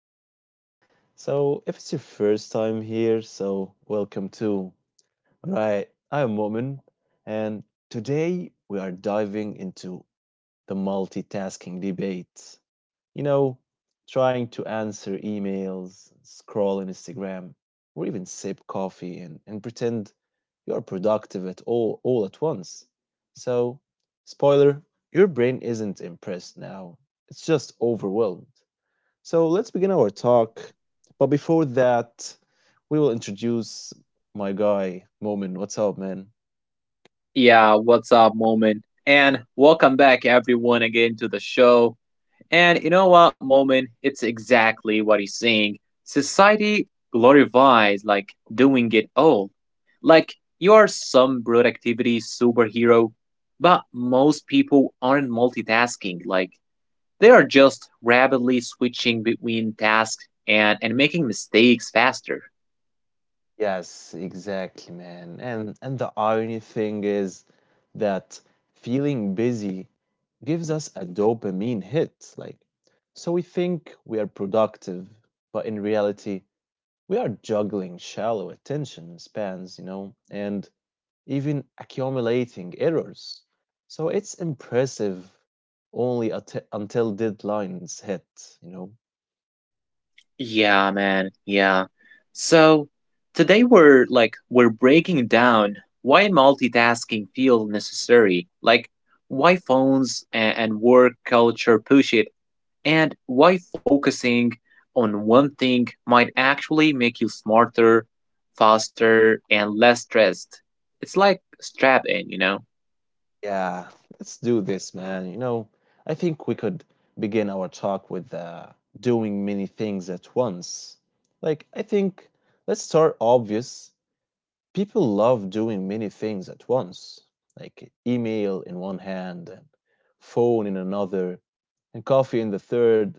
podcast. If it's your first time here, so welcome too. Right, I'm Mu'min, and today we are diving into the multitasking debate. You know, trying to answer emails, scroll in Instagram, or even sip coffee and pretend you're productive at all at once. So, spoiler, your brain isn't impressed now. It's just overwhelmed. So let's begin our talk. But before that, we will introduce my guy, Momin. What's up, man? Yeah, what's up, Moment? And welcome back, everyone, again to the show. And you know what, Moment? It's exactly what he's saying. Society glorifies like doing it all. Like you are some productivity superhero, but most people aren't multitasking. Like they are just rapidly switching between tasks and making mistakes faster. Yes, exactly, man. And the irony thing is that feeling busy gives us a dopamine hit, like so we think we are productive, but in reality, we are juggling shallow attention spans, you know, and even accumulating errors. So it's impressive only at until deadlines hit, you know. Yeah, man. Yeah. So today we're breaking down why multitasking feels necessary, like why phones and work culture push it, and why focusing on one thing might actually make you smarter, faster, and less stressed. It's like strap in, you know? Yeah, let's do this, man. You know, I think we could begin our talk with doing many things at once. Like, I think let's start obvious people love doing many things at once, like email in one hand and phone in another and coffee in the third.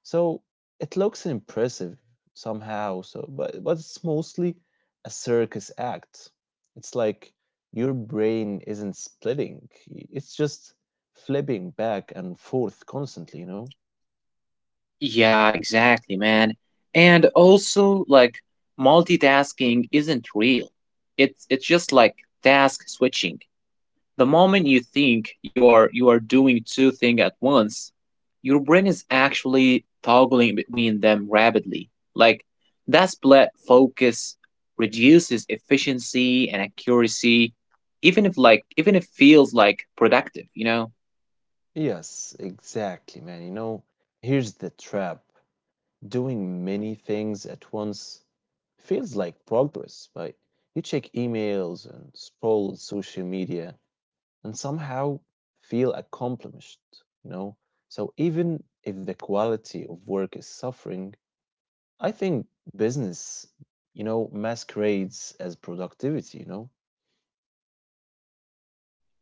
So it looks impressive somehow, so but it's mostly a circus act. It's like your brain isn't splitting. It's just flipping back and forth constantly, you know? Yeah, exactly, man. And also, like, multitasking isn't real. It's just like task switching. The moment you think you are doing two things at once, your brain is actually toggling between them rapidly. Like that split focus reduces efficiency and accuracy, even if feels like productive, you know? Yes, exactly, man. You know, here's the trap. Doing many things at once feels like progress, but you check emails and scroll social media and somehow feel accomplished, you know? So even if the quality of work is suffering, I think business, you know, masquerades as productivity, you know?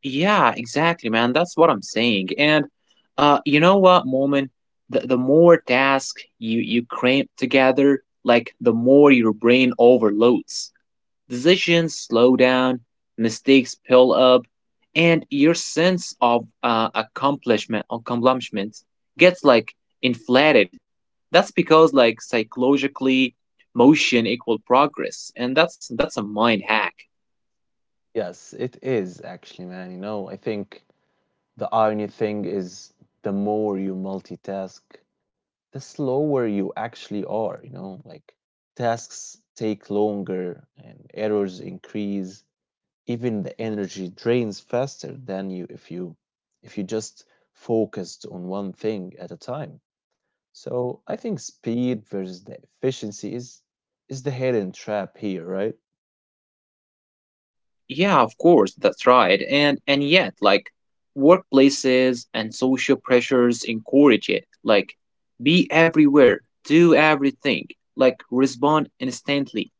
Yeah, exactly, man. That's what I'm saying. And you know what, Moment? The more tasks you cramp together, like the more your brain overloads. Decisions slow down, mistakes pile up, and your sense of accomplishment gets like inflated. That's because like psychologically, motion equal progress, and that's a mind hack. Yes, it is actually, man. You know, I think the irony thing is the more you multitask, the slower you actually are, you know, like tasks take longer and errors increase. Even the energy drains faster than you if you just focused on one thing at a time. So I think speed versus the efficiency is the hidden trap here, right? Yeah, of course, that's right. And yet, like workplaces and social pressures encourage it. Like be everywhere, do everything, like respond instantly.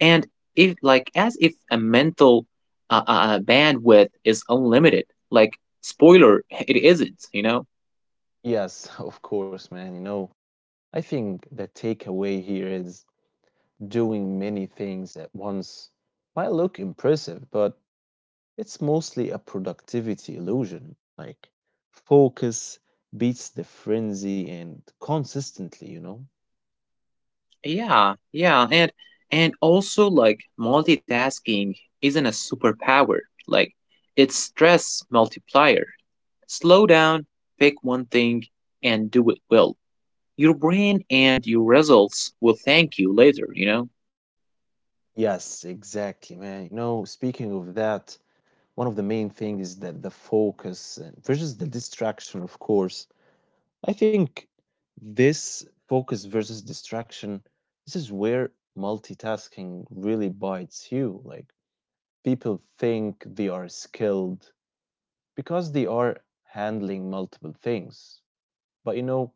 And if like as if a mental bandwidth is unlimited, like spoiler, it isn't, you know? Yes, of course, man. You know, I think the takeaway here is doing many things at once might look impressive, but it's mostly a productivity illusion. Like, focus beats the frenzy and consistently, you know? Yeah, yeah. And also like multitasking isn't a superpower. Like it's stress multiplier. Slow down, pick one thing, and do it well. Your brain and your results will thank you later, you know? Yes, exactly, man. You know, speaking of that, one of the main things is that the focus and versus the distraction, of course. I think this focus versus distraction, this is where multitasking really bites you. Like, people think they are skilled because they are handling multiple things. But you know,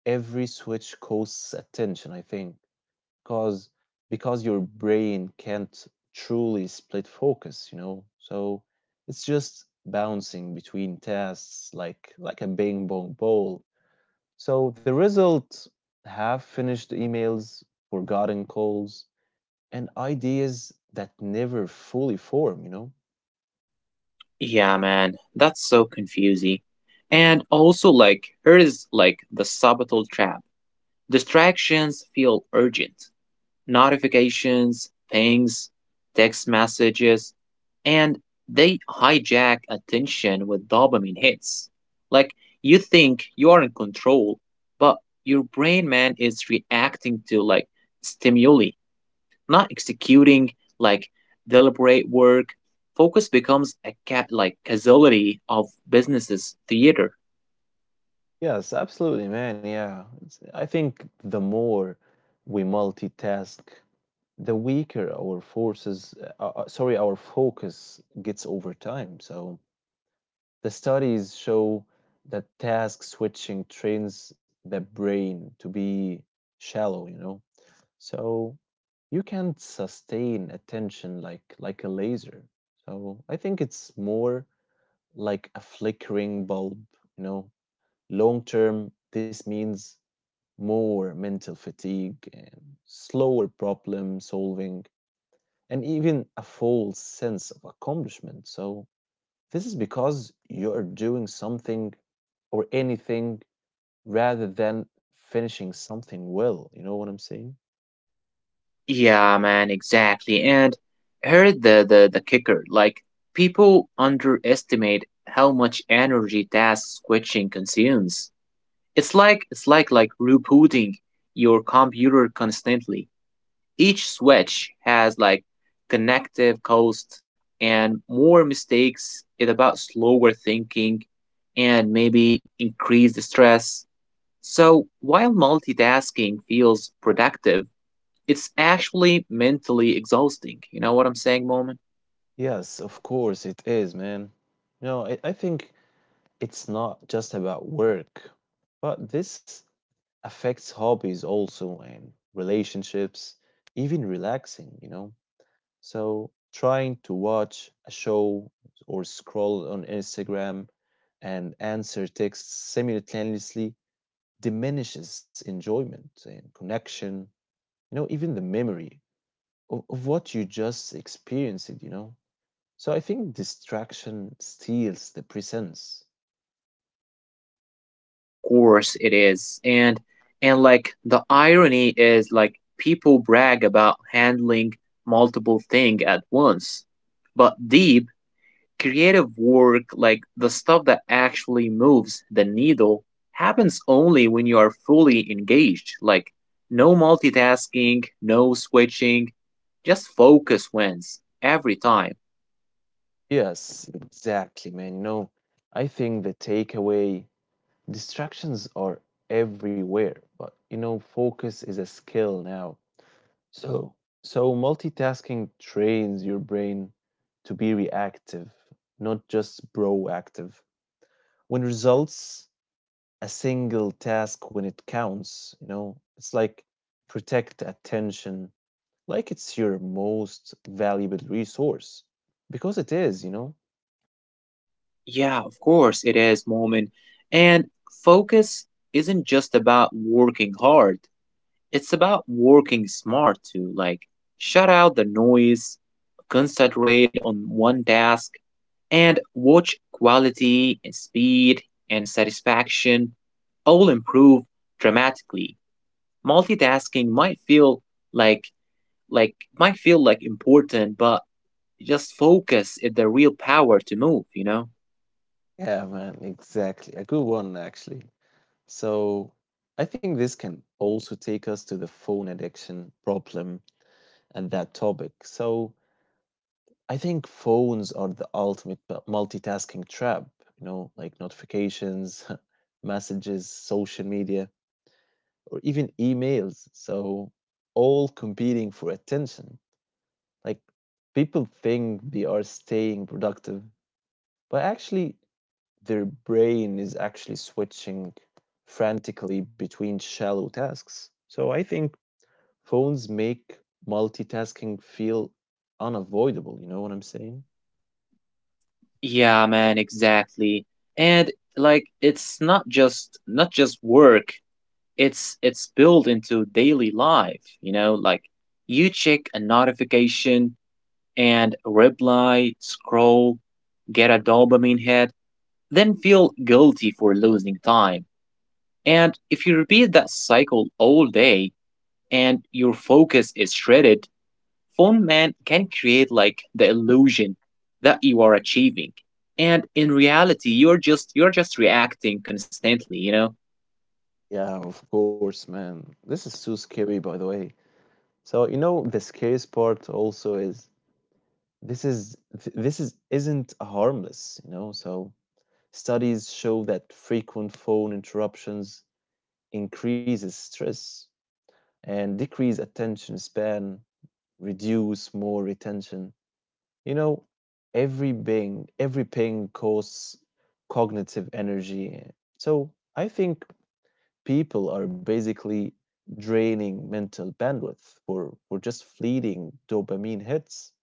every switch costs attention, I think, because because your brain can't truly split focus, you know. So it's just bouncing between tasks like a bing bong ball. So the result half finished emails, forgotten calls, and ideas that never fully form, you know? Yeah, man, that's so confusing. And also, like, here is like the subtle trap. Distractions feel urgent: notifications, pings, text messages, and they hijack attention with dopamine hits. Like you think you are in control, but your brain man is reacting to like stimuli, not executing like deliberate work. Focus becomes a cat like casualty of businesses theater. Yes, absolutely, man. Yeah. It's, I think the more we multitask, the weaker our forces, sorry, our focus gets over time. So the studies show that task switching trains the brain to be shallow, you know. So you can't sustain attention like a laser. So I think it's more like a flickering bulb, you know. Long term, this means more mental fatigue and slower problem solving and even a false sense of accomplishment. So, this is because you're doing something or anything rather than finishing something well. You know what I'm saying? Yeah, man, exactly. And here's the kicker. Like, people underestimate how much energy task switching consumes. It's like rebooting your computer constantly. Each switch has like connective cost and more mistakes. It's about slower thinking and maybe increased stress. So while multitasking feels productive, it's actually mentally exhausting. You know what I'm saying, Moment? Yes, of course it is, man. No, I think it's not just about work, but this affects hobbies also and relationships, even relaxing, you know? So trying to watch a show or scroll on Instagram and answer texts simultaneously diminishes enjoyment and connection, you know, even the memory of what you just experienced, you know. So I think distraction steals the presence. Of course it is. And like the irony is like people brag about handling multiple things at once. But deep creative work, like the stuff that actually moves the needle, happens only when you are fully engaged. Like no multitasking, no switching, just focus wins every time. Yes, exactly, man. You know, I think the takeaway distractions are everywhere, but you know, focus is a skill now. So, so multitasking trains your brain to be reactive, not just proactive. When results a single task when it counts, you know, it's like protect attention, like it's your most valuable resource because it is, you know. Yeah, of course it is, Moment. And focus isn't just about working hard, it's about working smart too. Like, shut out the noise, concentrate on one task, and watch quality and speed and satisfaction all improve dramatically. Multitasking might feel like important, but just focus is the real power to move, you know? Yeah, man, exactly. A good one actually. So, I think this can also take us to the phone addiction problem and that topic. So, I think phones are the ultimate multitasking trap, you know, like notifications, messages, social media, or even emails. So, all competing for attention. Like, people think they are staying productive, but actually, their brain is actually switching frantically between shallow tasks. So, I think phones make multitasking feel unavoidable. You know what I'm saying? Yeah, man, exactly. And like it's not just work, it's built into daily life, you know, like you check a notification and reply, scroll, get a dopamine hit, then feel guilty for losing time. And if you repeat that cycle all day and your focus is shredded, phone man can create like the illusion that you are achieving, and in reality you're just reacting constantly, you know? Yeah, of course, man. This is too scary, by the way. So, you know, the scariest part also is this is th- this is isn't harmless, you know. So, studies show that frequent phone interruptions increases stress and decrease attention span, reduce more retention. You know, every ping costs cognitive energy. So, I think people are basically draining mental bandwidth for just fleeting dopamine hits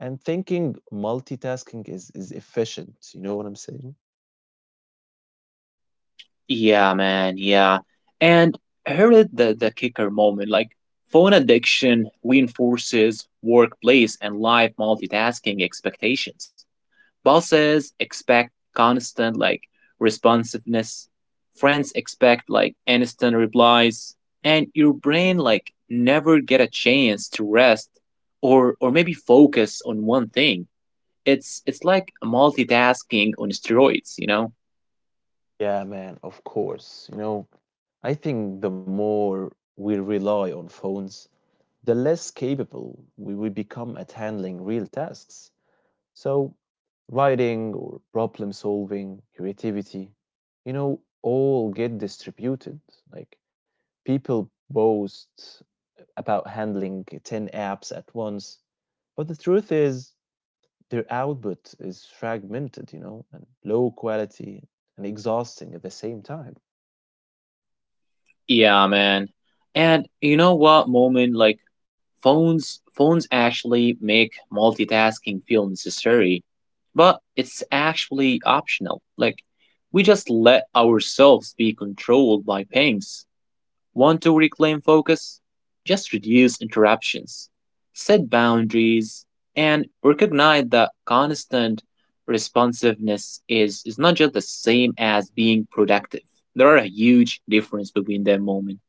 and thinking multitasking is efficient. You know what I'm saying? Yeah, man. Yeah. And here is the kicker, moment. Like phone addiction reinforces workplace and life multitasking expectations. Bosses expect constant like responsiveness. Friends expect like instant replies, and your brain like never get a chance to rest or maybe focus on one thing. It's like multitasking on steroids, you know? Yeah, man, of course. You know, I think the more we rely on phones, the less capable we become at handling real tasks. So, writing or problem solving, creativity, you know, all get distributed. Like, people boast about handling 10 apps at once, but the truth is, their output is fragmented, you know, and low quality and exhausting at the same time. Yeah, man. And you know what, moment, like phones actually make multitasking feel necessary, but it's actually optional. Like we just let ourselves be controlled by pings. Want to reclaim focus? Just reduce interruptions, set boundaries, and recognize that constant responsiveness is not just the same as being productive. There are a huge difference between them, moment.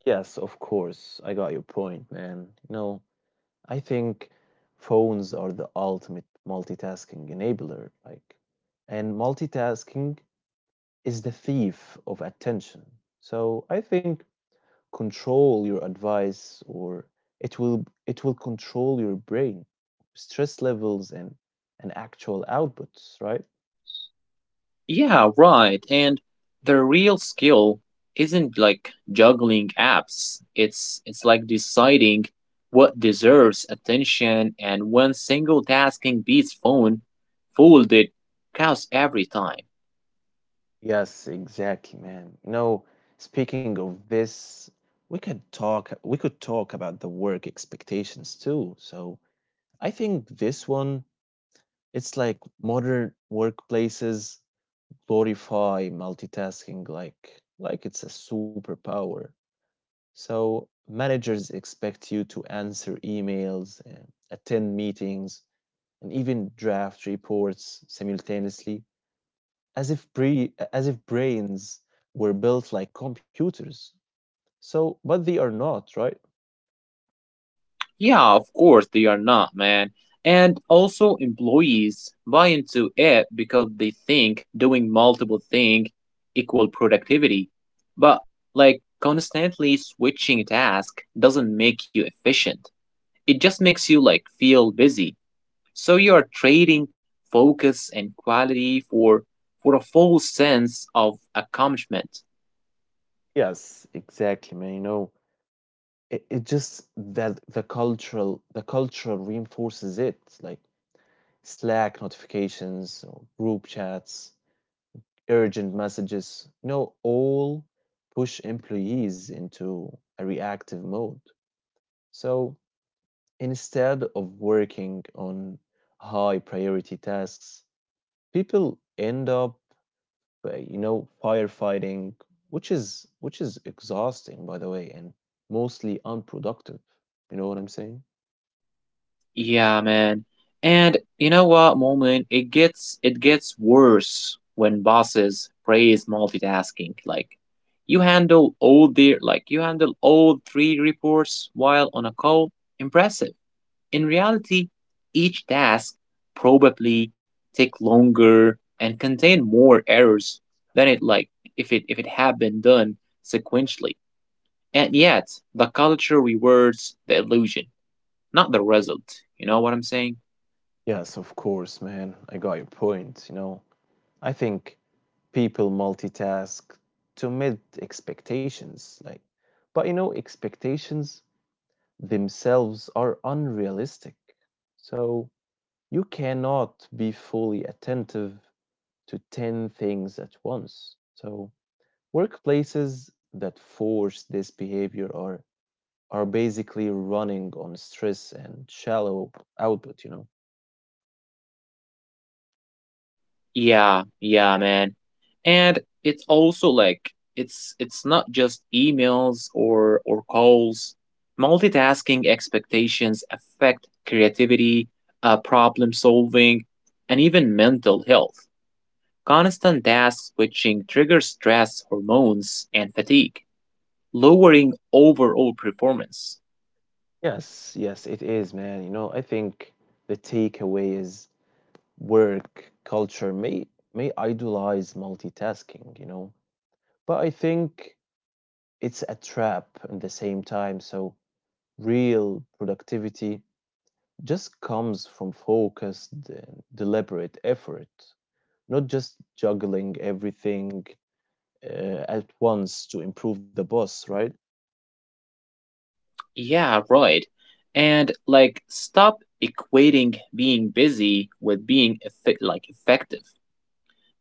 Yes, of course, I got your point, man. You know, I think phones are the ultimate multitasking enabler. Like, and multitasking is the thief of attention. So I think control your advice or it will control your brain, stress levels and actual outputs, right? Yeah, right. And the real skill isn't like juggling apps. It's like deciding what deserves attention, and when single tasking beats phone folded cows every time. Yes, exactly, man. You know, speaking of this, we could talk about the work expectations too. So I think this one it's like modern workplaces glorify multitasking like it's a superpower. So managers expect you to answer emails, attend meetings, and even draft reports simultaneously, as if brains were built like computers. So, but they are not, right? Yeah, of course they are not, man. And also employees buy into it because they think doing multiple things equal productivity. But like constantly switching tasks doesn't make you efficient. It just makes you like feel busy. So you are trading focus and quality for a false sense of accomplishment. Yes, exactly, man. You know, it just that the culture reinforces it, like Slack notifications or group chats urgent messages, you know, all push employees into a reactive mode. So instead of working on high priority tasks, people end up, you know, firefighting, which is exhausting, by the way, and mostly unproductive. You know what I'm saying? Yeah, man. And you know what, moment? It gets worse when bosses praise multitasking. Like you handle all three reports while on a call. Impressive. In reality, each task probably take longer and contain more errors than it like if it had been done sequentially. And yet, the culture rewards the illusion, not the result. You know what I'm saying? Yes, of course, man. I got your point. You know, I think people multitask to meet expectations like but you know expectations themselves are unrealistic so you cannot be fully attentive to 10 things at once so workplaces that force this behavior are basically running on stress and shallow output, you know. Yeah, yeah, man. And it's also like it's not just emails or calls. Multitasking expectations affect creativity, problem solving, and even mental health. Constant task switching triggers stress hormones and fatigue, lowering overall performance. Yes, yes, it is, man. You know, I think the takeaway is work culture may idolize multitasking, you know, but I think it's a trap at the same time. So real productivity just comes from focused, and deliberate effort, not just juggling everything at once to improve the boss, right? Yeah, right. And like stop equating being busy with being effective.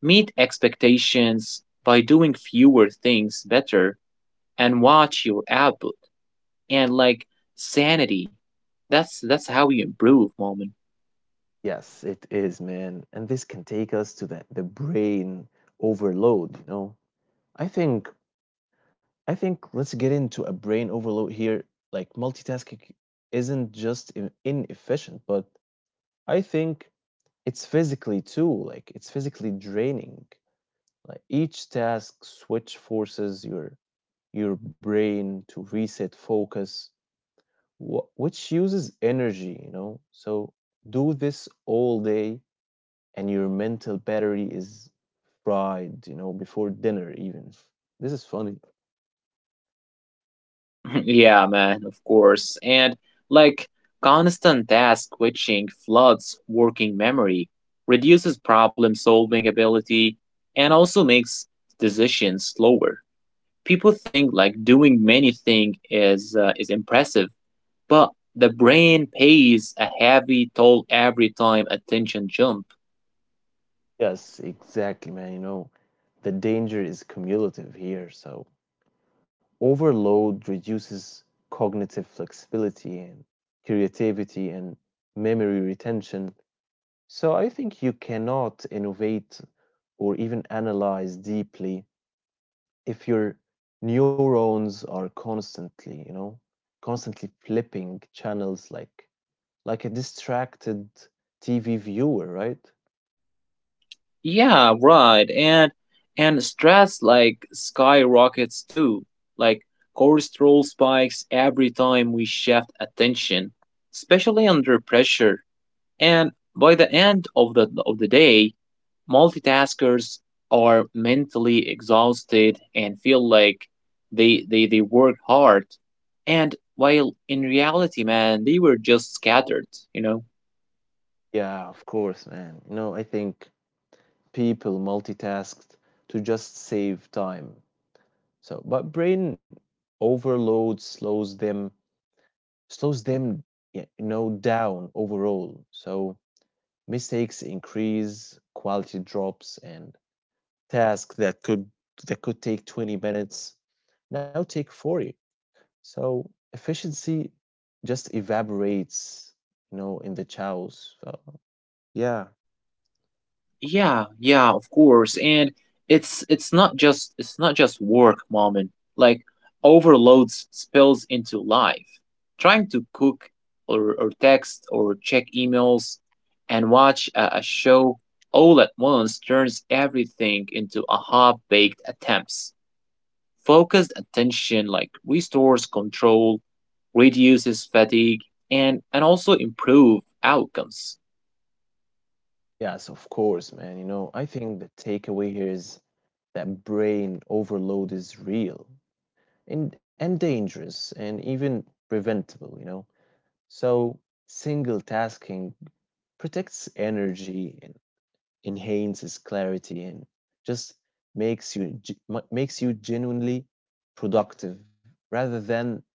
Meet expectations by doing fewer things better and watch your output and like sanity. That's how you improve, moment. Yes, it is, man. And this can take us to the brain overload, you know? I think I think let's get into a brain overload here. Like multitasking isn't just inefficient, but I think it's physically too, like it's physically draining. Like each task switch forces your brain to reset focus which uses energy, you know. So do this all day, and your mental battery is fried, you know, before dinner even. This is funny. Yeah, man, of course. And like constant task switching floods working memory, reduces problem solving ability, and also makes decisions slower. People think like doing many things is impressive, but the brain pays a heavy toll every time attention jump. Yes, exactly, man. You know, the danger is cumulative here. So overload reduces cognitive flexibility and creativity and memory retention. So I think you cannot innovate or even analyze deeply if your neurons are constantly, you know, constantly flipping channels like a distracted TV viewer, right? Yeah, right. And stress like skyrockets too. Like cortisol spikes every time we shift attention, especially under pressure. And by the end of the day, multitaskers are mentally exhausted and feel like they work hard, and while in reality man they were just scattered, you know? Yeah, of course, man. You know, I think people multitasked to just save time. So, but brain overload slows them, yeah, you know, down overall. So mistakes increase, quality drops, and task that could take 20 minutes now take 40, so efficiency just evaporates, you know, in the chows, so yeah. Yeah, yeah, of course. And it's not just work, moment. Like overloads spills into life. Trying to cook or text or check emails and watch a show all at once turns everything into a half-baked attempts. Focused attention like restores control, reduces fatigue, and also improve outcomes. Yes, of course, man. You know, I think the takeaway here is that brain overload is real and dangerous and even preventable, you know. So single tasking protects energy and enhances clarity and just makes you makes you genuinely productive rather than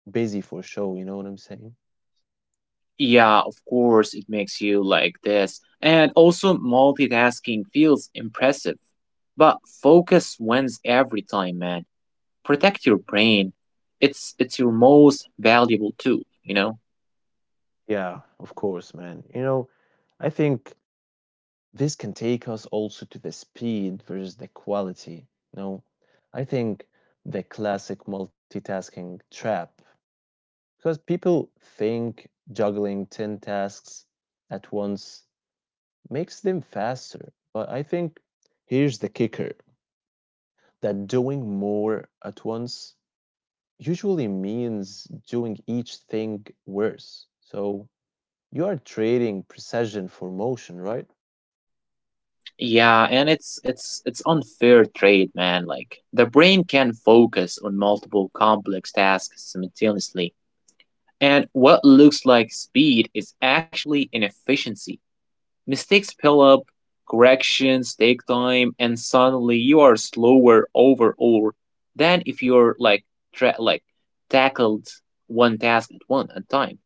busy for show. You know what I'm saying? Yeah, of course, it makes you like this. And also, multitasking feels impressive. But focus wins every time, man. Protect your brain. It's your most valuable tool, you know? Yeah, of course, man. You know, I think this can take us also to the speed versus the quality, you know. I think the classic multitasking trap because people think juggling 10 tasks at once makes them faster, but I think here's the kicker that doing more at once usually means doing each thing worse. So you are trading precision for motion, right? Yeah, and it's unfair trade, man. Like the brain can focus on multiple complex tasks simultaneously. And what looks like speed is actually inefficiency. Mistakes pile up, corrections take time, and suddenly you are slower overall than if you're like tra- like tackled one task at one at time.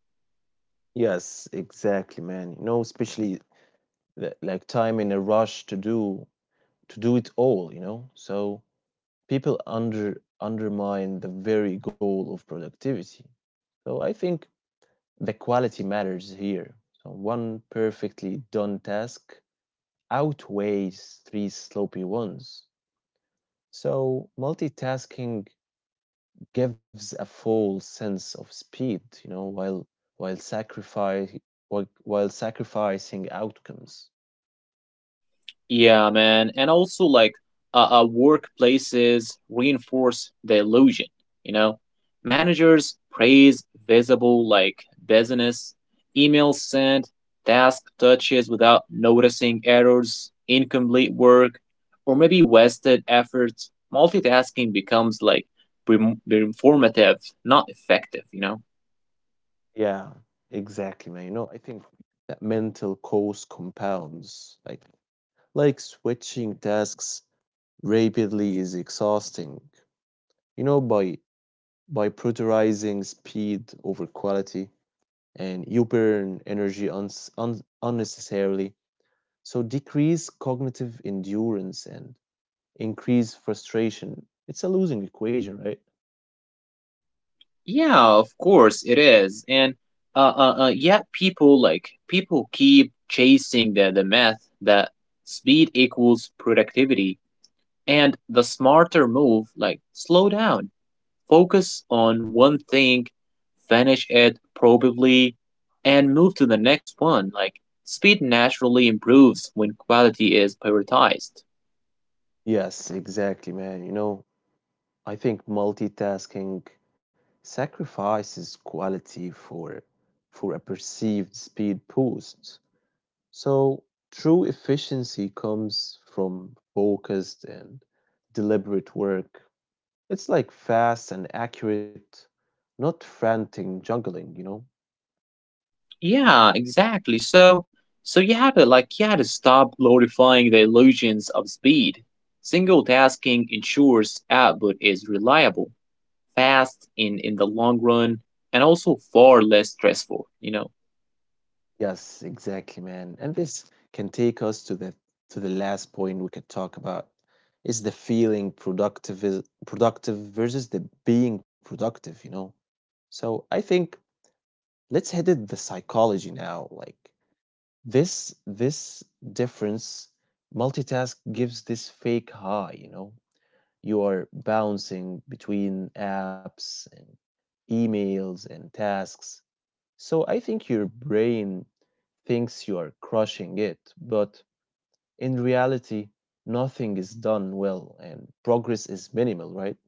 Yes, exactly, man. You know, especially like time in a rush to do it all, you know? So people undermine the very goal of productivity. So I think the quality matters here. So one perfectly done task outweighs three sloppy ones. So multitasking gives a false sense of speed, you know, while while sacrifice while sacrificing outcomes. Yeah, man. And also, like, workplaces reinforce the illusion, you know? Managers praise visible, like, business, emails sent, task touches without noticing errors, incomplete work, or maybe wasted efforts. Multitasking becomes, like, informative, not effective, you know? Yeah, exactly, man. You know, I think that mental cost compounds. Like switching tasks rapidly is exhausting. You know, by prioritizing speed over quality, and you burn energy unnecessarily. So decrease cognitive endurance and increase frustration. It's a losing equation, right? Yeah, of course it is. And yeah, people keep chasing the myth that speed equals productivity, and the smarter move like slow down, focus on one thing, finish it probably, and move to the next one. Like speed naturally improves when quality is prioritized. Yes, exactly, man. You know, I think multitasking sacrifices quality for a perceived speed boost. So true efficiency comes from focused and deliberate work. It's like fast and accurate, not frantic juggling, you know? Yeah, exactly. So, so you had to like you had to stop glorifying the illusions of speed. Single tasking ensures output is reliable, fast in the long run, and also far less stressful, you know. Yes, exactly, man. And this can take us to the last point we could talk about is the feeling productive is productive versus the being productive, you know. So I think let's head it the psychology now. Like this difference, multitask gives this fake high, you know. You are bouncing between apps and emails and tasks, so I think your brain thinks you are crushing it, but in reality, nothing is done well and progress is minimal, right?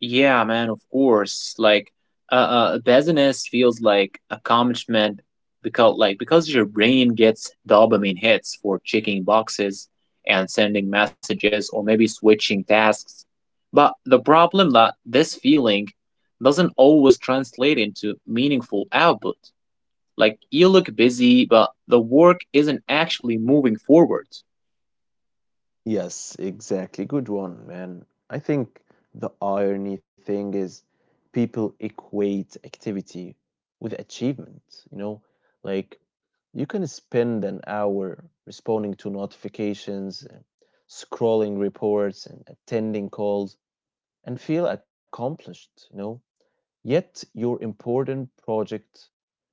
Yeah, man, of course. Like, business feels like accomplishment because, like, because your brain gets dopamine hits for checking boxes and sending messages or maybe switching tasks. But the problem that this feeling doesn't always translate into meaningful output. Like, you look busy, but the work isn't actually moving forward. Yes, exactly. Good one, man. I think the irony thing is people equate activity with achievement, you know? Like you can spend an hour responding to notifications, and scrolling reports, and attending calls and feel accomplished, you know? Yet your important project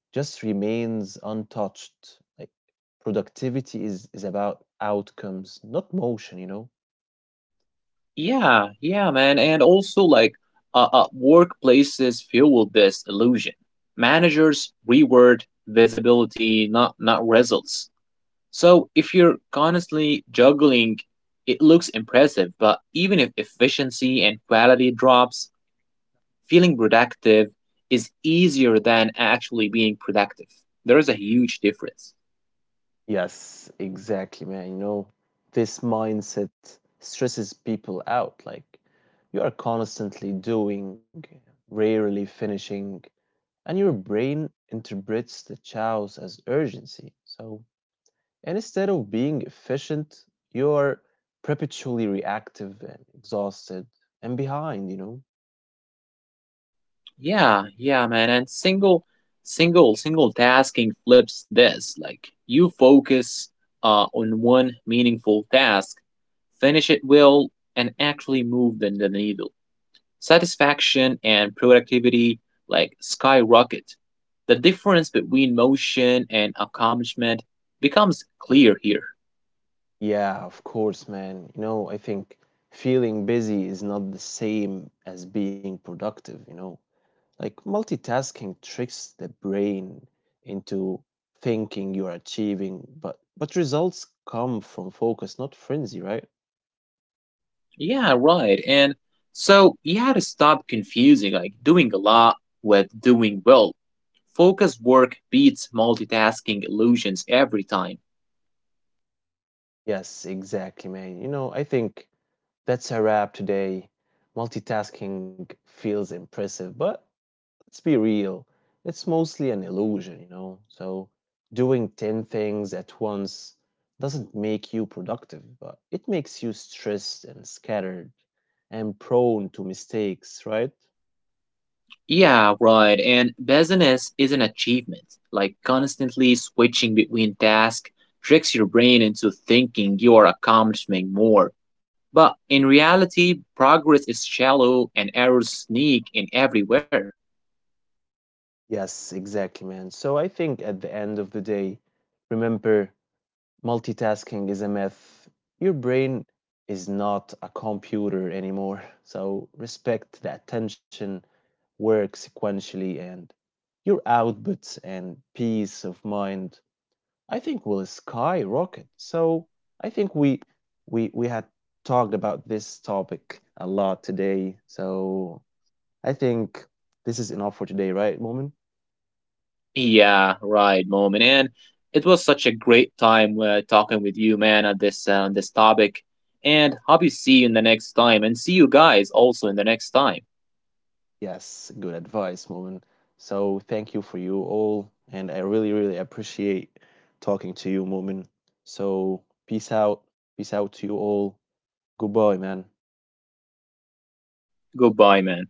just remains untouched. Like productivity is about outcomes, not motion, you know? Yeah, yeah, man. And also, like, workplaces fuel this illusion. Managers reward visibility, not results. So if you're constantly juggling, it looks impressive, but even if efficiency and quality drops, feeling productive is easier than actually being productive. There is a huge difference. Yes, exactly, man. You know, this mindset stresses people out. Like, you are constantly doing, rarely finishing, and your brain interprets the chaos as urgency. So, and instead of being efficient, you're perpetually reactive and exhausted and behind, you know? Yeah, yeah, man. And single tasking flips this. Like you focus on one meaningful task, finish it well, and actually move the needle. Satisfaction and productivity like skyrocket. The difference between motion and accomplishment becomes clear here. Yeah, of course, man. You know, I think feeling busy is not the same as being productive, you know? Like multitasking tricks the brain into thinking you're achieving, but results come from focus, not frenzy, right? Yeah, right. And so you had to stop confusing like doing a lot with doing well. Focused work beats multitasking illusions every time. Yes, exactly, man. You know, I think that's a wrap today. Multitasking feels impressive, but let's be real. It's mostly an illusion, you know? So doing 10 things at once doesn't make you productive, but it makes you stressed and scattered and prone to mistakes, right? Yeah, right. And business is an achievement. Like constantly switching between tasks tricks your brain into thinking you are accomplishing more. But in reality, progress is shallow and errors sneak in everywhere. Yes, exactly, man. So I think at the end of the day, remember multitasking is a myth. Your brain is not a computer anymore, so respect the attention, work sequentially, and your output and peace of mind, I think, will skyrocket. So I think we had talked about this topic a lot today. So I think this is enough for today, right, Moment? Yeah, right, moment. And it was such a great time talking with you, man, on this topic. And hope you see you in the next time, and see you guys also in the next time. Yes, good advice, Moomin. So thank you for you all, and I really, really appreciate talking to you, Moomin. So peace out to you all. Goodbye, man. Goodbye, man.